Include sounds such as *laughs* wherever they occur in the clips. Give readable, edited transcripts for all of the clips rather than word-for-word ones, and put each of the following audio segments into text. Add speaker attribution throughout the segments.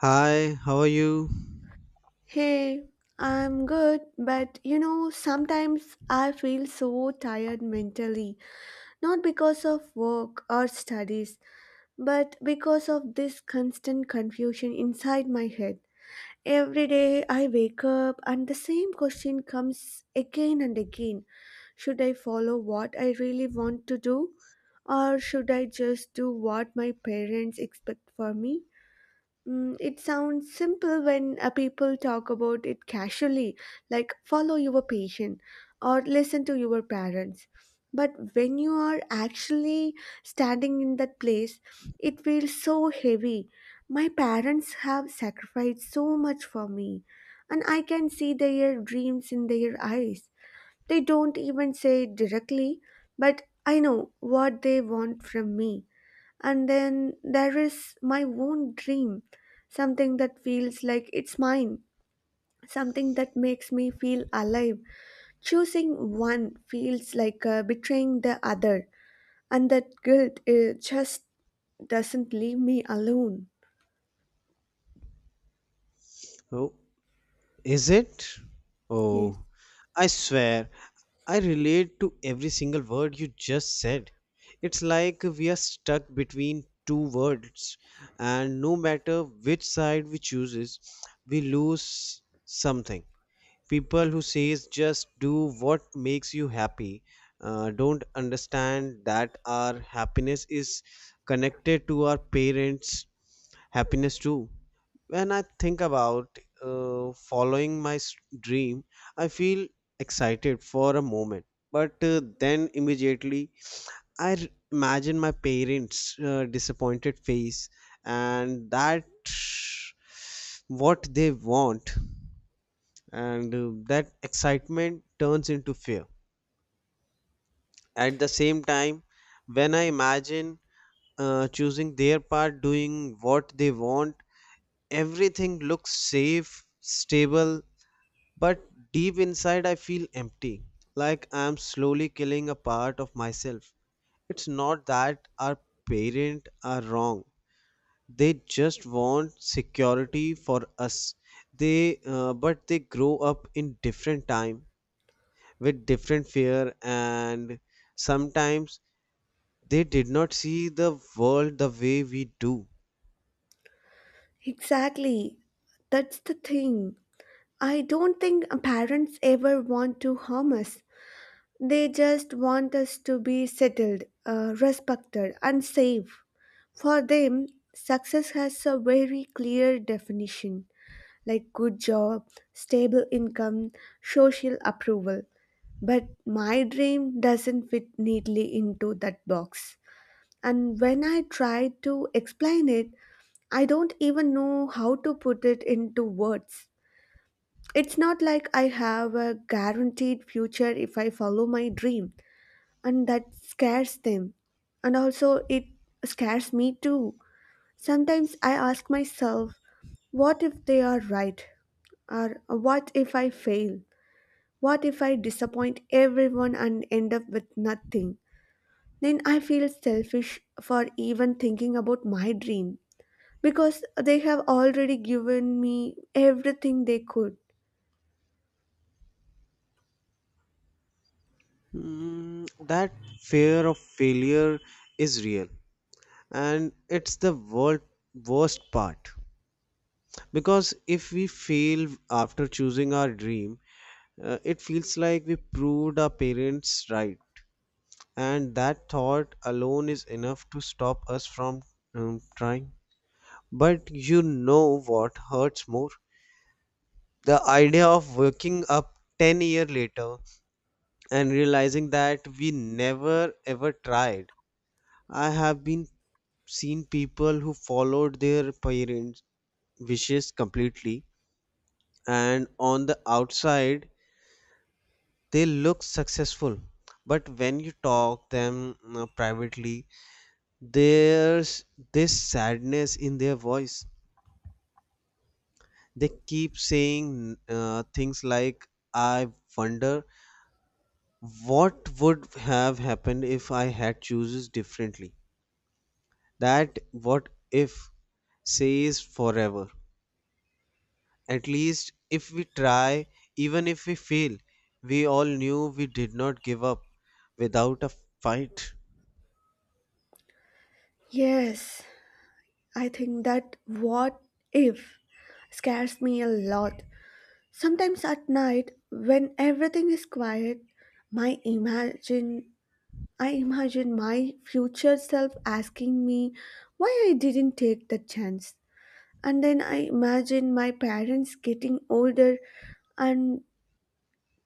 Speaker 1: Hi, how are you?
Speaker 2: Hey, I'm good, but you know, sometimes I feel so tired mentally, not because of work or studies, but because of this constant confusion inside my head. Every day I wake up and the same question comes again and again. Should I follow what I really want to do, or should I just do what my parents expect for me? It sounds simple when people talk about it casually, like follow your patient or listen to your parents. But when you are actually standing in that place, it feels so heavy. My parents have sacrificed so much for me, and I can see their dreams in their eyes. They don't even say it directly, but I know what they want from me. And then there is my own dream, something that feels like it's mine, something that makes me feel alive. Choosing one feels like betraying the other, and that guilt just doesn't leave me alone.
Speaker 1: Oh, is it?
Speaker 2: Yes.
Speaker 1: Oh, I swear, I relate to every single word you just said. It's like we are stuck between two worlds, and no matter which side we chooses, we lose something. People who says just do what makes you happy don't understand that our happiness is connected to our parents' happiness too. When I think about following my dream, I feel excited for a moment, but then immediately I imagine my parents' disappointed face and that what they want, and that excitement turns into fear. At the same time, when I imagine choosing their part, doing what they want, everything looks safe, stable. But deep inside, I feel empty, like I'm slowly killing a part of myself. It's not that our parents are wrong, they just want security for us. But they grow up in different time with different fear, and sometimes they did not see the world the way we do.
Speaker 2: Exactly. That's the thing. I don't think parents ever want to harm us. They just want us to be settled, respected, and safe. For them, success has a very clear definition like good job, stable income, social approval. But my dream doesn't fit neatly into that box. And when I try to explain it, I don't even know how to put it into words. It's not like I have a guaranteed future if I follow my dream, and that scares them. And also, it scares me too. Sometimes I ask myself, what if they are right? Or what if I fail? What if I disappoint everyone and end up with nothing? Then I feel selfish for even thinking about my dream because they have already given me everything they could.
Speaker 1: That fear of failure is real, and it's the world worst part. Because if we fail after choosing our dream, it feels like we proved our parents right. And that thought alone is enough to stop us from trying. But you know what hurts more? The idea of waking up 10 years later and realizing that we never ever tried. I have been seen people who followed their parents' wishes completely, and on the outside they look successful, but when you talk them privately, there's this sadness in their voice. They keep saying things like, I wonder what would have happened if I had chooses differently. That what if says forever. At least if we try, even if we fail, we all knew we did not give up without a fight.
Speaker 2: Yes, I think that what if scares me a lot. Sometimes at night, when everything is quiet, my imagine I imagine my future self asking me why I didn't take the chance. And then I imagine my parents getting older, and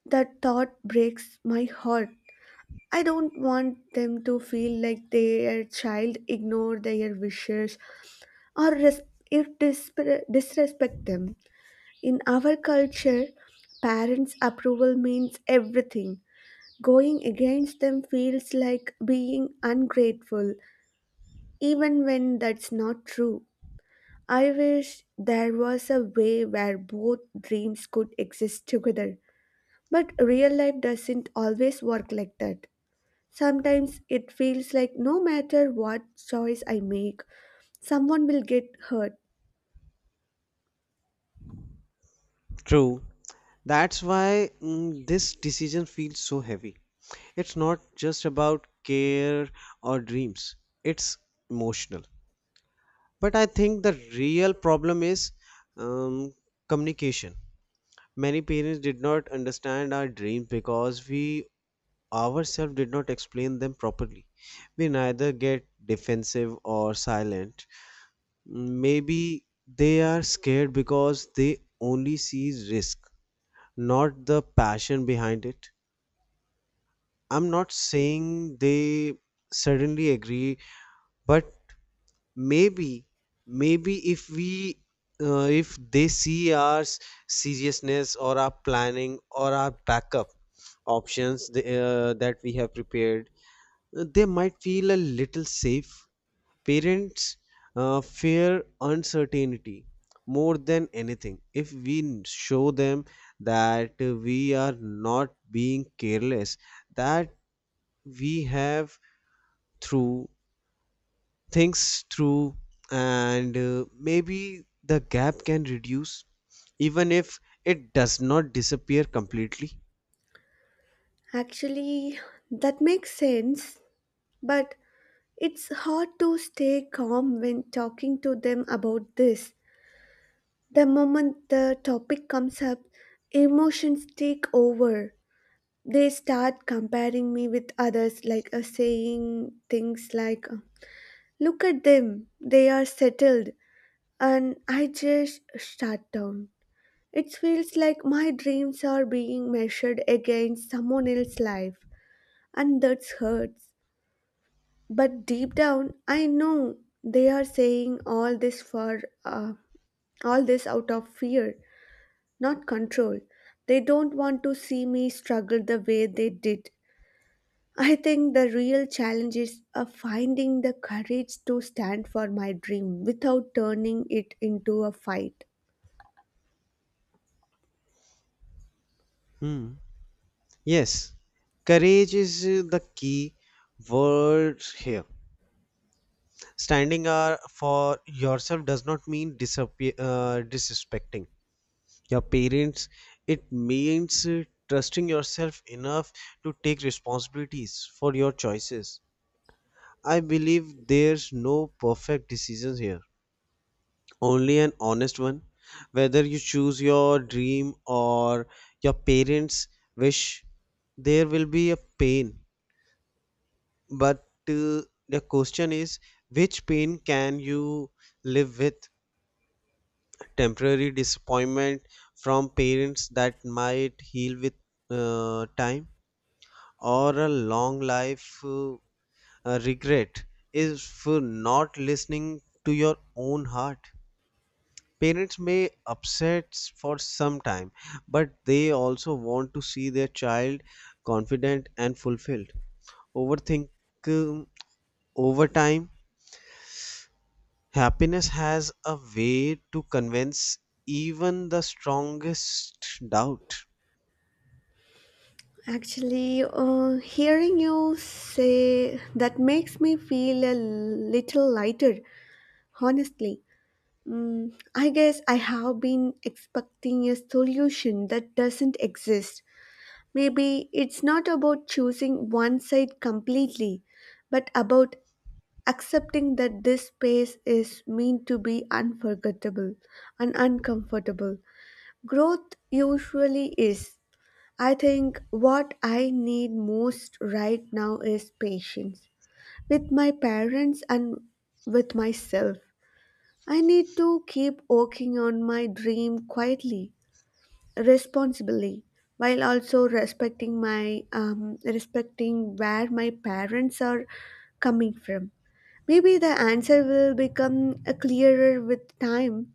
Speaker 2: that thought breaks my heart. I don't want them to feel like their child ignored their wishes or res- if disper- disrespect them. In our culture, parents' approval means everything. Going against them feels like being ungrateful even when that's not true. I wish there was a way where both dreams could exist together, but real life doesn't always work like that. Sometimes it feels like no matter what choice I make, someone will get hurt.
Speaker 1: True. That's why this decision feels so heavy. It's not just about care or dreams, it's emotional. But I think the real problem is um, communication. Many parents did not understand our dreams because we ourselves did not explain them properly. We neither get defensive or silent. Maybe they are scared because they only see risk, not the passion behind it. I'm not saying they suddenly agree, but maybe, maybe if they see our seriousness or our planning or our backup options that we have prepared, they might feel a little safe. Parents fear uncertainty more than anything. If we show them that we are not being careless, that we have through things through, and maybe the gap can reduce, even if it does not disappear completely.
Speaker 2: Actually, that makes sense, but it's hard to stay calm when talking to them about this. The moment the topic comes up, emotions take over. They start comparing me with others, like saying things like, look at them, they are settled, and I just shut down. It feels like my dreams are being measured against someone else's life, and that hurts. But deep down I know they are saying all this out of fear, not control. They don't want to see me struggle the way they did. I think the real challenge is finding the courage to stand for my dream without turning it into a fight.
Speaker 1: Hmm. Yes, courage is the key word here. Standing up for yourself does not mean disrespecting your parents. It means trusting yourself enough to take responsibilities for your choices. I believe there's no perfect decisions here, only an honest one. Whether you choose your dream or your parents' wish, there will be a pain. But uh, the question is, which pain can you live with? Temporary disappointment from parents that might heal with time, or a long life regret is for not listening to your own heart. Parents may upset for some time, but they also want to see their child confident and fulfilled. overthink um, Over time, happiness has a way to convince even the strongest doubt.
Speaker 2: Actually, hearing you say that makes me feel a little lighter, honestly. I guess I have been expecting a solution that doesn't exist. Maybe it's not about choosing one side completely, but about accepting that this space is meant to be unforgettable and uncomfortable. Growth usually is. I think what I need most right now is patience with my parents and with myself. I need to keep working on my dream quietly, responsibly, while also respecting where my parents are coming from. Maybe the answer will become clearer with time.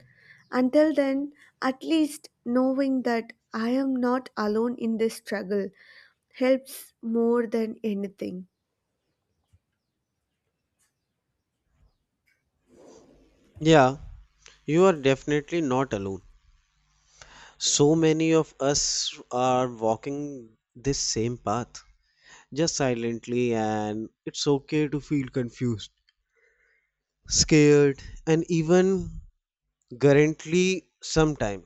Speaker 2: Until then, at least knowing that I am not alone in this struggle helps more than anything.
Speaker 1: Yeah, you are definitely not alone. So many of us are walking this same path, just silently, and it's okay to feel confused, scared, and even currently sometime.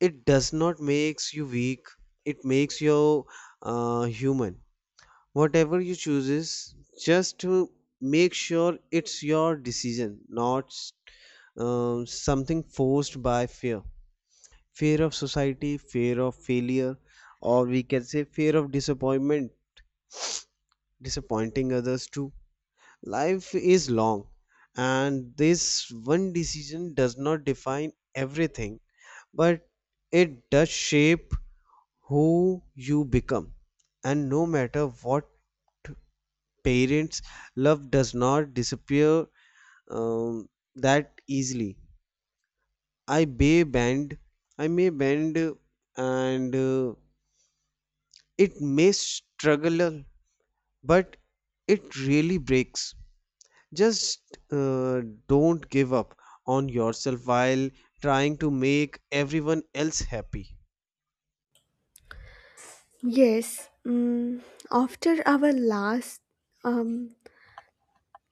Speaker 1: It does not makes you weak. It makes you human. Whatever you chooses, just to make sure it's your decision, not something forced by fear. Fear of society, fear of failure, or we can say fear of disappointment, disappointing others too. Life is long, and this one decision does not define everything, but it does shape who you become. And no matter what parents, love does not disappear um, that easily. I may bend, I may bend, and it may struggle, but it really breaks. Just don't give up on yourself while trying to make everyone else happy.
Speaker 2: Yes, after our last um,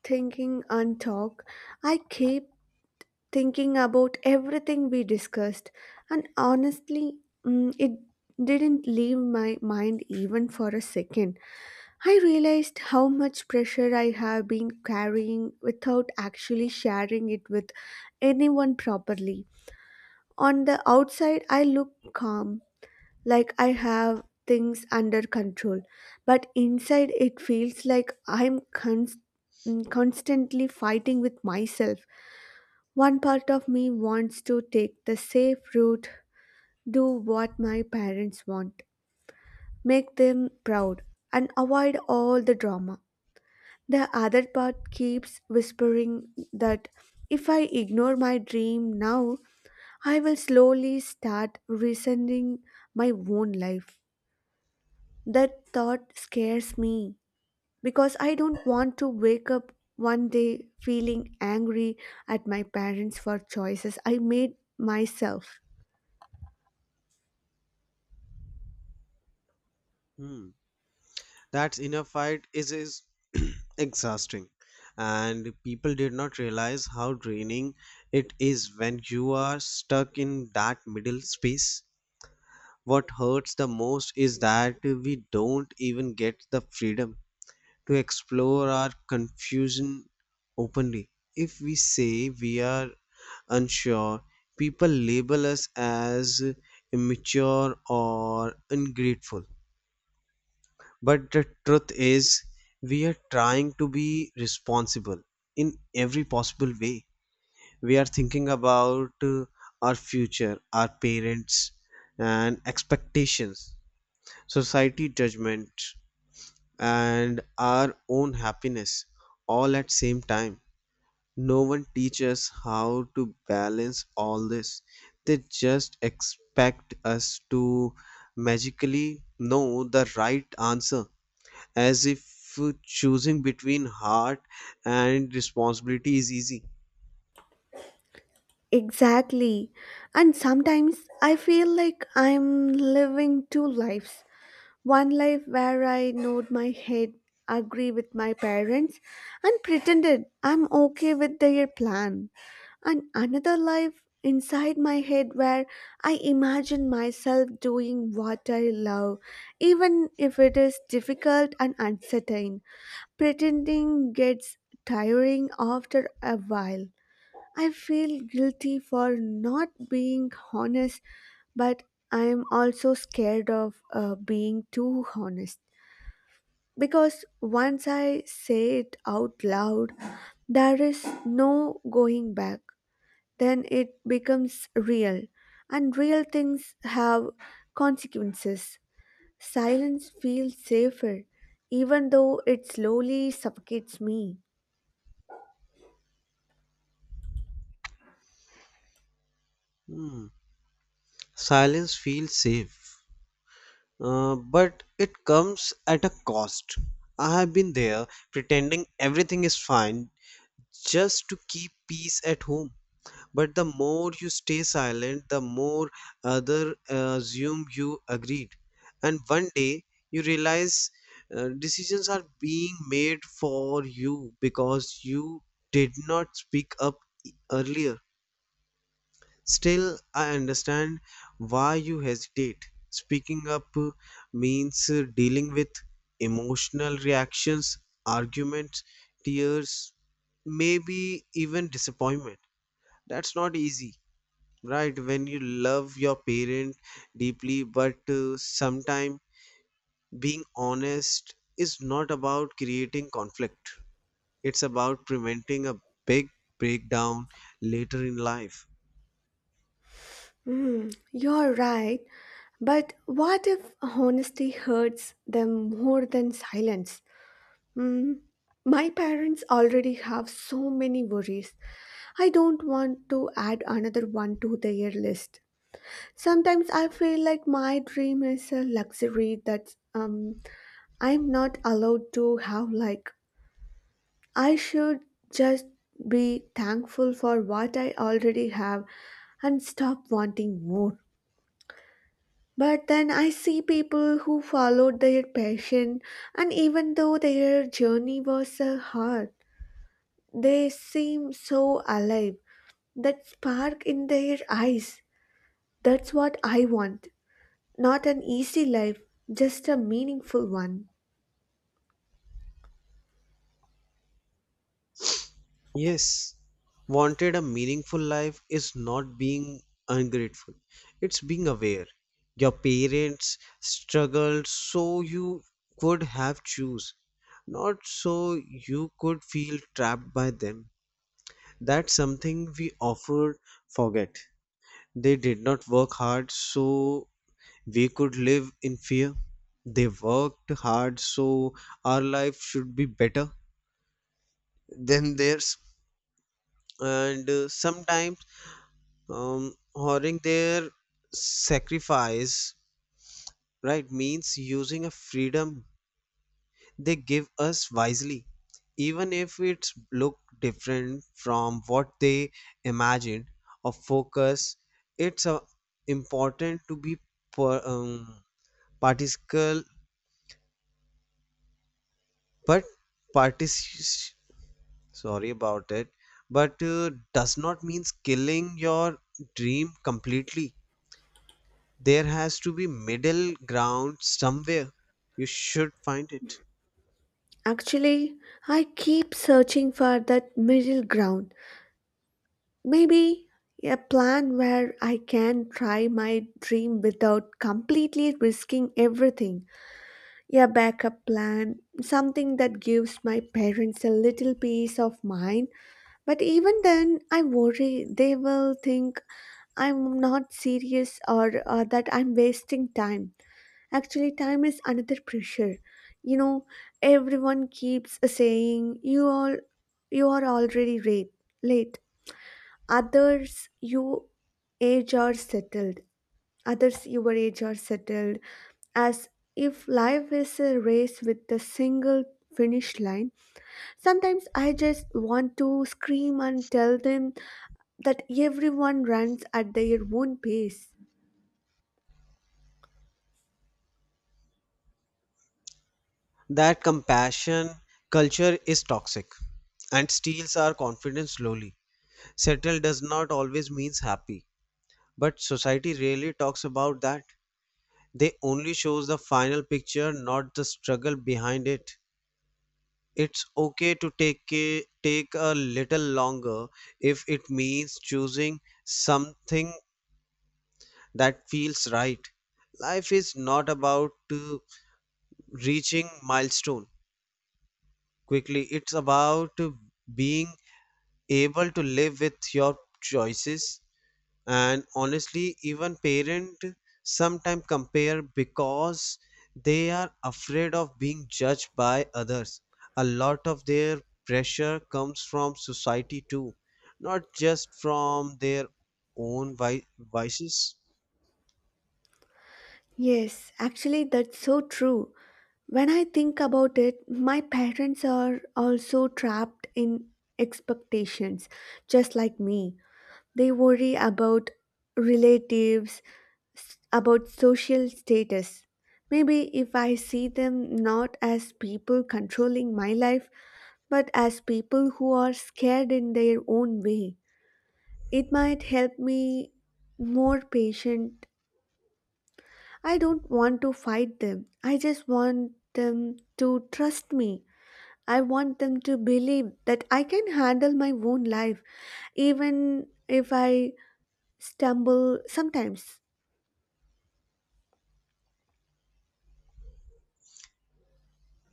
Speaker 2: thinking and talk, I keep thinking about everything we discussed, and honestly, it didn't leave my mind even for a second. I realized how much pressure I have been carrying without actually sharing it with anyone properly. On the outside, I look calm, like I have things under control, but inside, it feels like constantly fighting with myself. One part of me wants to take the safe route, do what my parents want, make them proud, and avoid all the drama. The other part keeps whispering that if I ignore my dream now, I will slowly start resenting my own life. That thought scares me because I don't want to wake up one day feeling angry at my parents for choices I made myself.
Speaker 1: Hmm. That inner fight is *clears throat* exhausting, and people did not realize how draining it is when you are stuck in that middle space. What hurts the most is that we don't even get the freedom to explore our confusion openly. If we say we are unsure, people label us as immature or ungrateful. But the truth is, we are trying to be responsible in every possible way. We are thinking about our future, our parents, and expectations, society judgment, and our own happiness all at same time. No one teaches how to balance all this. They just expect us to magically know the right answer, as if choosing between heart and responsibility is easy.
Speaker 2: Exactly. And sometimes I feel like I'm living two lives. One life where I nod my head, agree with my parents, and pretended I'm okay with their plan. And another life inside my head where I imagine myself doing what I love, even if it is difficult and uncertain. Pretending gets tiring after a while. I feel guilty for not being honest, but I am also scared of being too honest. Because once I say it out loud, there is no going back. Then it becomes real, and real things have consequences. Silence feels safer, even though it slowly suffocates me.
Speaker 1: Hmm. Silence feels safe but it comes at a cost. I have been there, pretending everything is fine just to keep peace at home. But the more you stay silent, the more other assume you agreed. And one day you realize decisions are being made for you because you did not speak up earlier. Still, I understand why you hesitate. Speaking up means dealing with emotional reactions, arguments, tears, maybe even disappointment. That's not easy, right? When you love your parent deeply, but sometimes being honest is not about creating conflict, it's about preventing a big breakdown later in life.
Speaker 2: Hmm, you're right. But what if honesty hurts them more than silence? Hmm. My parents already have so many worries. I don't want to add another one to their list. Sometimes I feel like my dream is a luxury that I'm not allowed to have. Like, I should just be thankful for what I already have and stop wanting more. But then I see people who followed their passion, and even though their journey was hard, they seem so alive. That spark in their eyes, that's what I want. Not an easy life, just a meaningful one.
Speaker 1: Yes, wanted a meaningful life is not being ungrateful, it's being aware. Your parents struggled so you could have choose, not so you could feel trapped by them. That's something we often forget. They did not work hard so we could live in fear. They worked hard so our life should be better than theirs. And sometimes, honoring their sacrifice, right, means using a freedom they give us wisely, even if it look different from what they imagined or focus. It's important to be per, um, particle, but partic- sorry about it, but does not means killing your dream completely. There has to be middle ground somewhere. You should find it.
Speaker 2: Actually, I keep searching for that middle ground. Maybe a plan where I can try my dream without completely risking everything. Yeah, backup plan, something that gives my parents a little peace of mind. But even then, I worry they will think I'm not serious, or that I'm wasting time. Actually, time is another pressure. You know, everyone keeps saying you are already late. Late. Others, you age are settled. Others your age are settled, as if life is a race with a single finish line. Sometimes I just want to scream and tell them that everyone runs at their own pace.
Speaker 1: That compassion culture is toxic and steals our confidence slowly. Settled does not always means happy, but society rarely talks about that. They only shows the final picture, not the struggle behind it. It's okay to take a little longer if it means choosing something that feels right. Life is not about reaching milestone quickly. It's about being able to live with your choices. And honestly, even parent sometimes compare because they are afraid of being judged by others. A lot of their pressure comes from society too, not just from their own vices.
Speaker 2: Yes, actually, that's so true. When I think about it, my parents are also trapped in expectations, just like me. They worry about relatives, about social status. Maybe if I see them not as people controlling my life, but as people who are scared in their own way, it might help me more patient. I don't want to fight them. I just want them to trust me. I want them to believe that I can handle my own life, even if I stumble sometimes.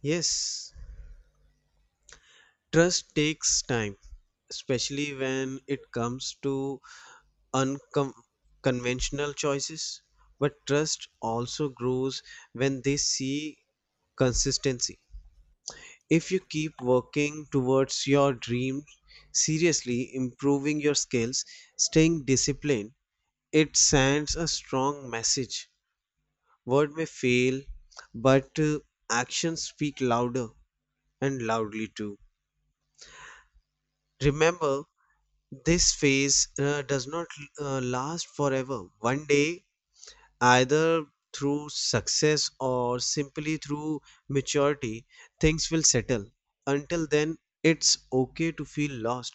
Speaker 1: Yes, trust takes time, especially when it comes to unconventional choices, but trust also grows when they see consistency. If you keep working towards your dreams, seriously improving your skills, staying disciplined, it sends a strong message. Word may fail, but actions speak louder and loudly too. Remember, this phase does not last forever. One day, either through success or simply through maturity, things will settle. Until then, it's okay to feel lost.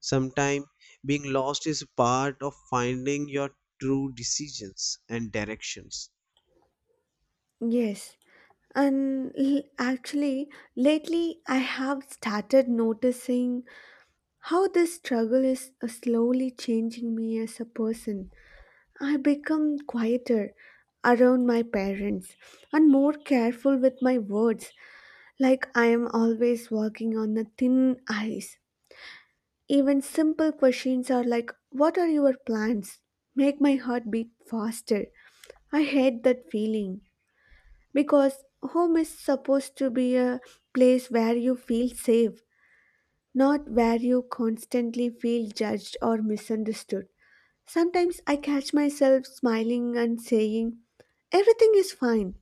Speaker 1: Sometimes being lost is part of finding your true decisions and directions.
Speaker 2: Yes. And actually, lately I have started noticing how this struggle is slowly changing me as a person. I become quieter around my parents and more careful with my words, like I am always walking on a thin ice. Even simple questions are like, what are your plans, make my heart beat faster. I hate that feeling, because home is supposed to be a place where you feel safe, not where you constantly feel judged or misunderstood. Sometimes I catch myself smiling and saying, everything is fine,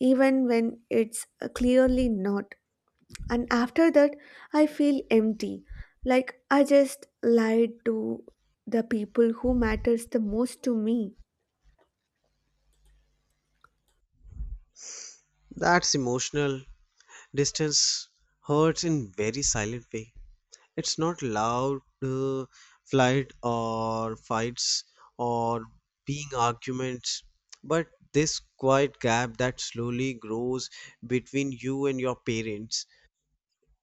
Speaker 2: even when it's clearly not. And after that, I feel empty, like I just lied to the people who matters the most to me.
Speaker 1: That's emotional distance hurts in very silent way. It's not loud flight or fights or being arguments, but this quiet gap that slowly grows between you and your parents.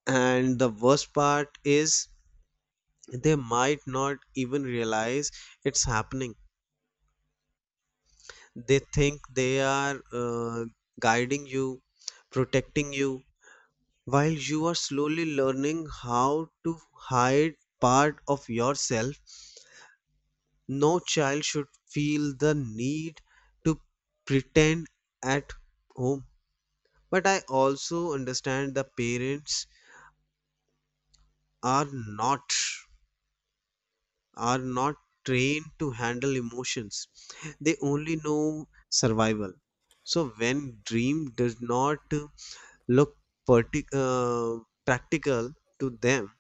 Speaker 1: And the worst part is they might not even realize it's happening. They think they are guiding you, protecting you, while you are slowly learning how to hide part of yourself. No child should feel the need to pretend at home. But I also understand the parents are not are not trained to handle emotions. They only know survival. So when dream does not look partic- uh, practical to them,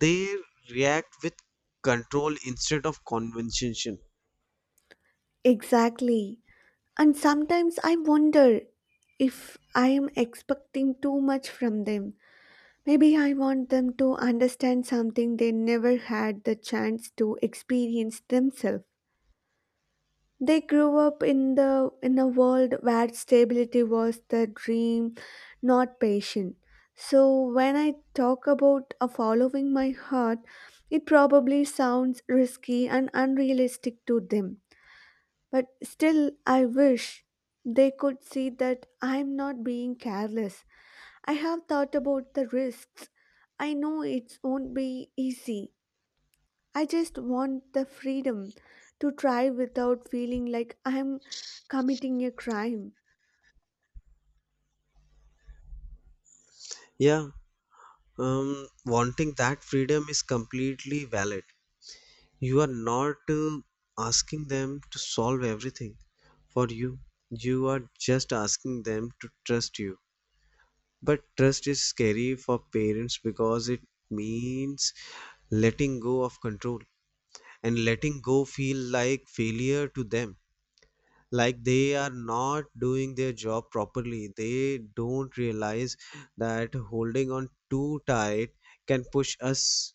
Speaker 1: they react with control instead of convention.
Speaker 2: Exactly. And sometimes I wonder if I am expecting too much from them. Maybe I want them to understand something they never had the chance to experience themselves. They grew up in the in a world where stability was the dream, not passion. So when I talk about a following my heart, it probably sounds risky and unrealistic to them. But still, I wish they could see that I'm not being careless. I have thought about the risks. I know it won't be easy. I just want the freedom to try without feeling like I'm committing a crime.
Speaker 1: Yeah, Wanting that freedom is completely valid. You are not asking them to solve everything for you. You are just asking them to trust you. But trust is scary for parents because it means letting go of control, and letting go feel like failure to them, like they are not doing their job properly. They don't realize that holding on too tight can push us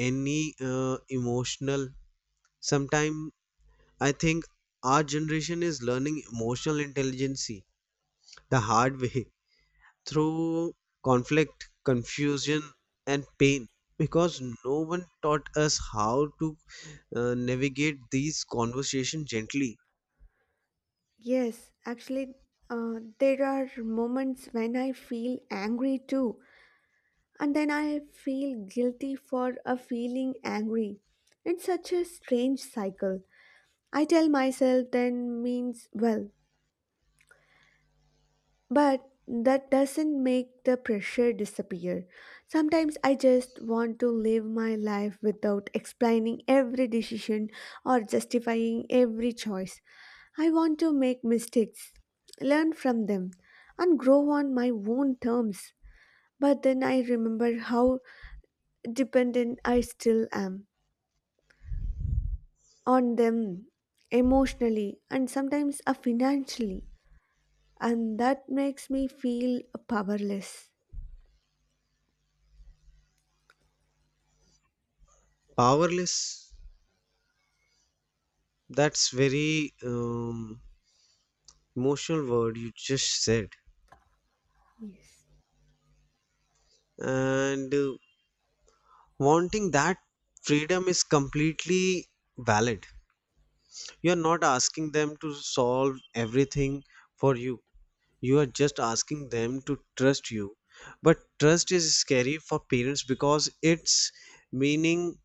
Speaker 1: any emotional. Sometimes I think our generation is learning emotional intelligence the hard way *laughs* through conflict confusion and pain because no one taught us how to navigate these conversations gently.
Speaker 2: Yes, actually, there are moments when I feel angry too, and then I feel guilty for a feeling angry. It's such a strange cycle. I tell myself then means well, but that doesn't make the pressure disappear. Sometimes I just want to live my life without explaining every decision or justifying every choice. I want to make mistakes, learn from them, and grow on my own terms. But then I remember how dependent I still am on them emotionally and sometimes financially, and that makes me feel powerless.
Speaker 1: Powerless, that's very emotional word you just said.
Speaker 2: Yes.
Speaker 1: And wanting that freedom is completely valid. You are not asking them to solve everything for you. You are just asking them to trust you. But trust is scary for parents because it's meaning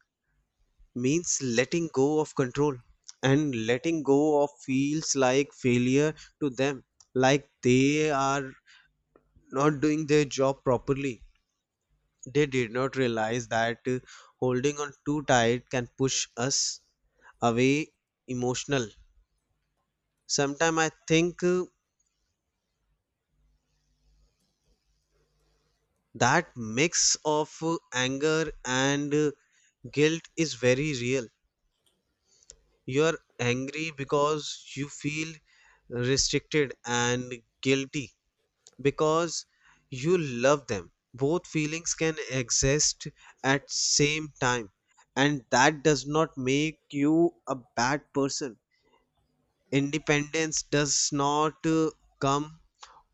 Speaker 1: means letting go of control, and letting go of feels like failure to them, like they are not doing their job properly. They did not realize that holding on too tight can push us away emotional. Sometimes I think that mix of anger and guilt is very real. You are angry because you feel restricted and guilty because you love them. Both feelings can exist at same time, and that does not make you a bad person. Independence does not come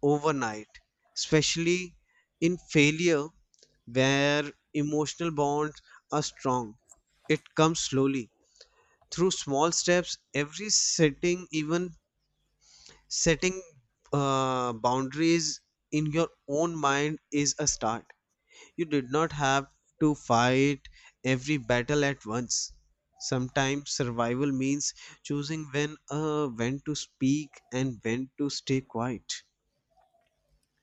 Speaker 1: overnight, especially in failure where emotional bonds are strong. It comes slowly through small steps. Even setting boundaries in your own mind, is a start. You did not have to fight every battle at once. Sometimes survival means choosing when to speak and when to stay quiet.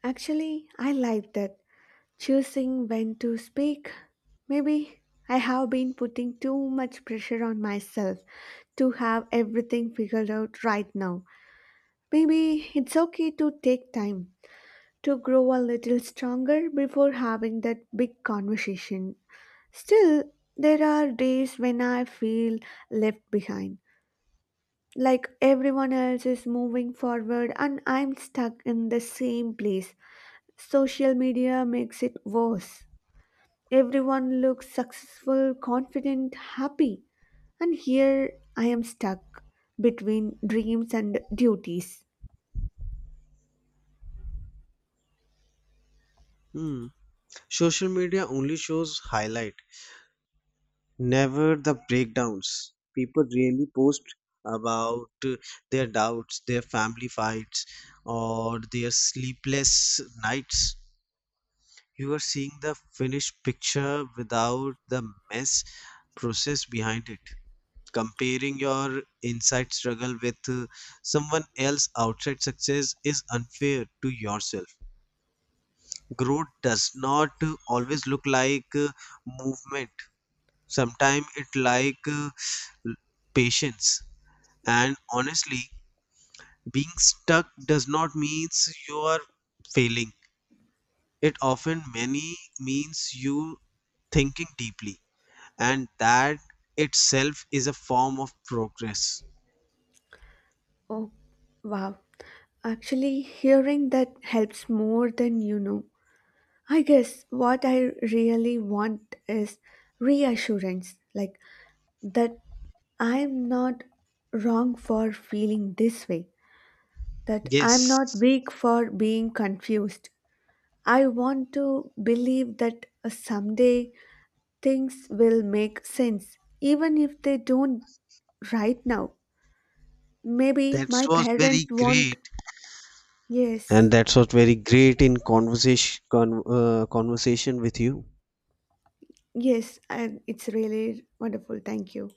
Speaker 2: Actually, I like that. Choosing when to speak. Maybe I have been putting too much pressure on myself to have everything figured out right now. Maybe it's okay to take time to grow a little stronger before having that big conversation. Still, there are days when I feel left behind, like everyone else is moving forward, and I'm stuck in the same place. Social media makes it worse. Everyone looks successful, confident, happy, and here I am stuck between dreams and duties.
Speaker 1: Hmm. Social media only shows highlight, never the breakdowns. People really post about their doubts, their family fights, or their sleepless nights. You are seeing the finished picture without the mess process behind it. Comparing your inside struggle with someone else outside success is unfair to yourself. Growth does not always look like movement. Sometimes it like patience. And honestly, being stuck does not means you are failing. It often many means you thinking deeply, and that itself is a form of progress.
Speaker 2: Oh, wow. Actually, hearing that helps more than you know. I guess what I really want is reassurance. Like, that I'm not wrong for feeling this way, that I'm not
Speaker 1: Yes,
Speaker 2: weak for being confused. I want to believe that someday things will make sense, even if they don't right now. Maybe
Speaker 1: that
Speaker 2: my
Speaker 1: was
Speaker 2: parents
Speaker 1: very
Speaker 2: won't.
Speaker 1: great, and
Speaker 2: Yes,
Speaker 1: that was very great in conversation with you.
Speaker 2: yes, and it's really wonderful. Thank you.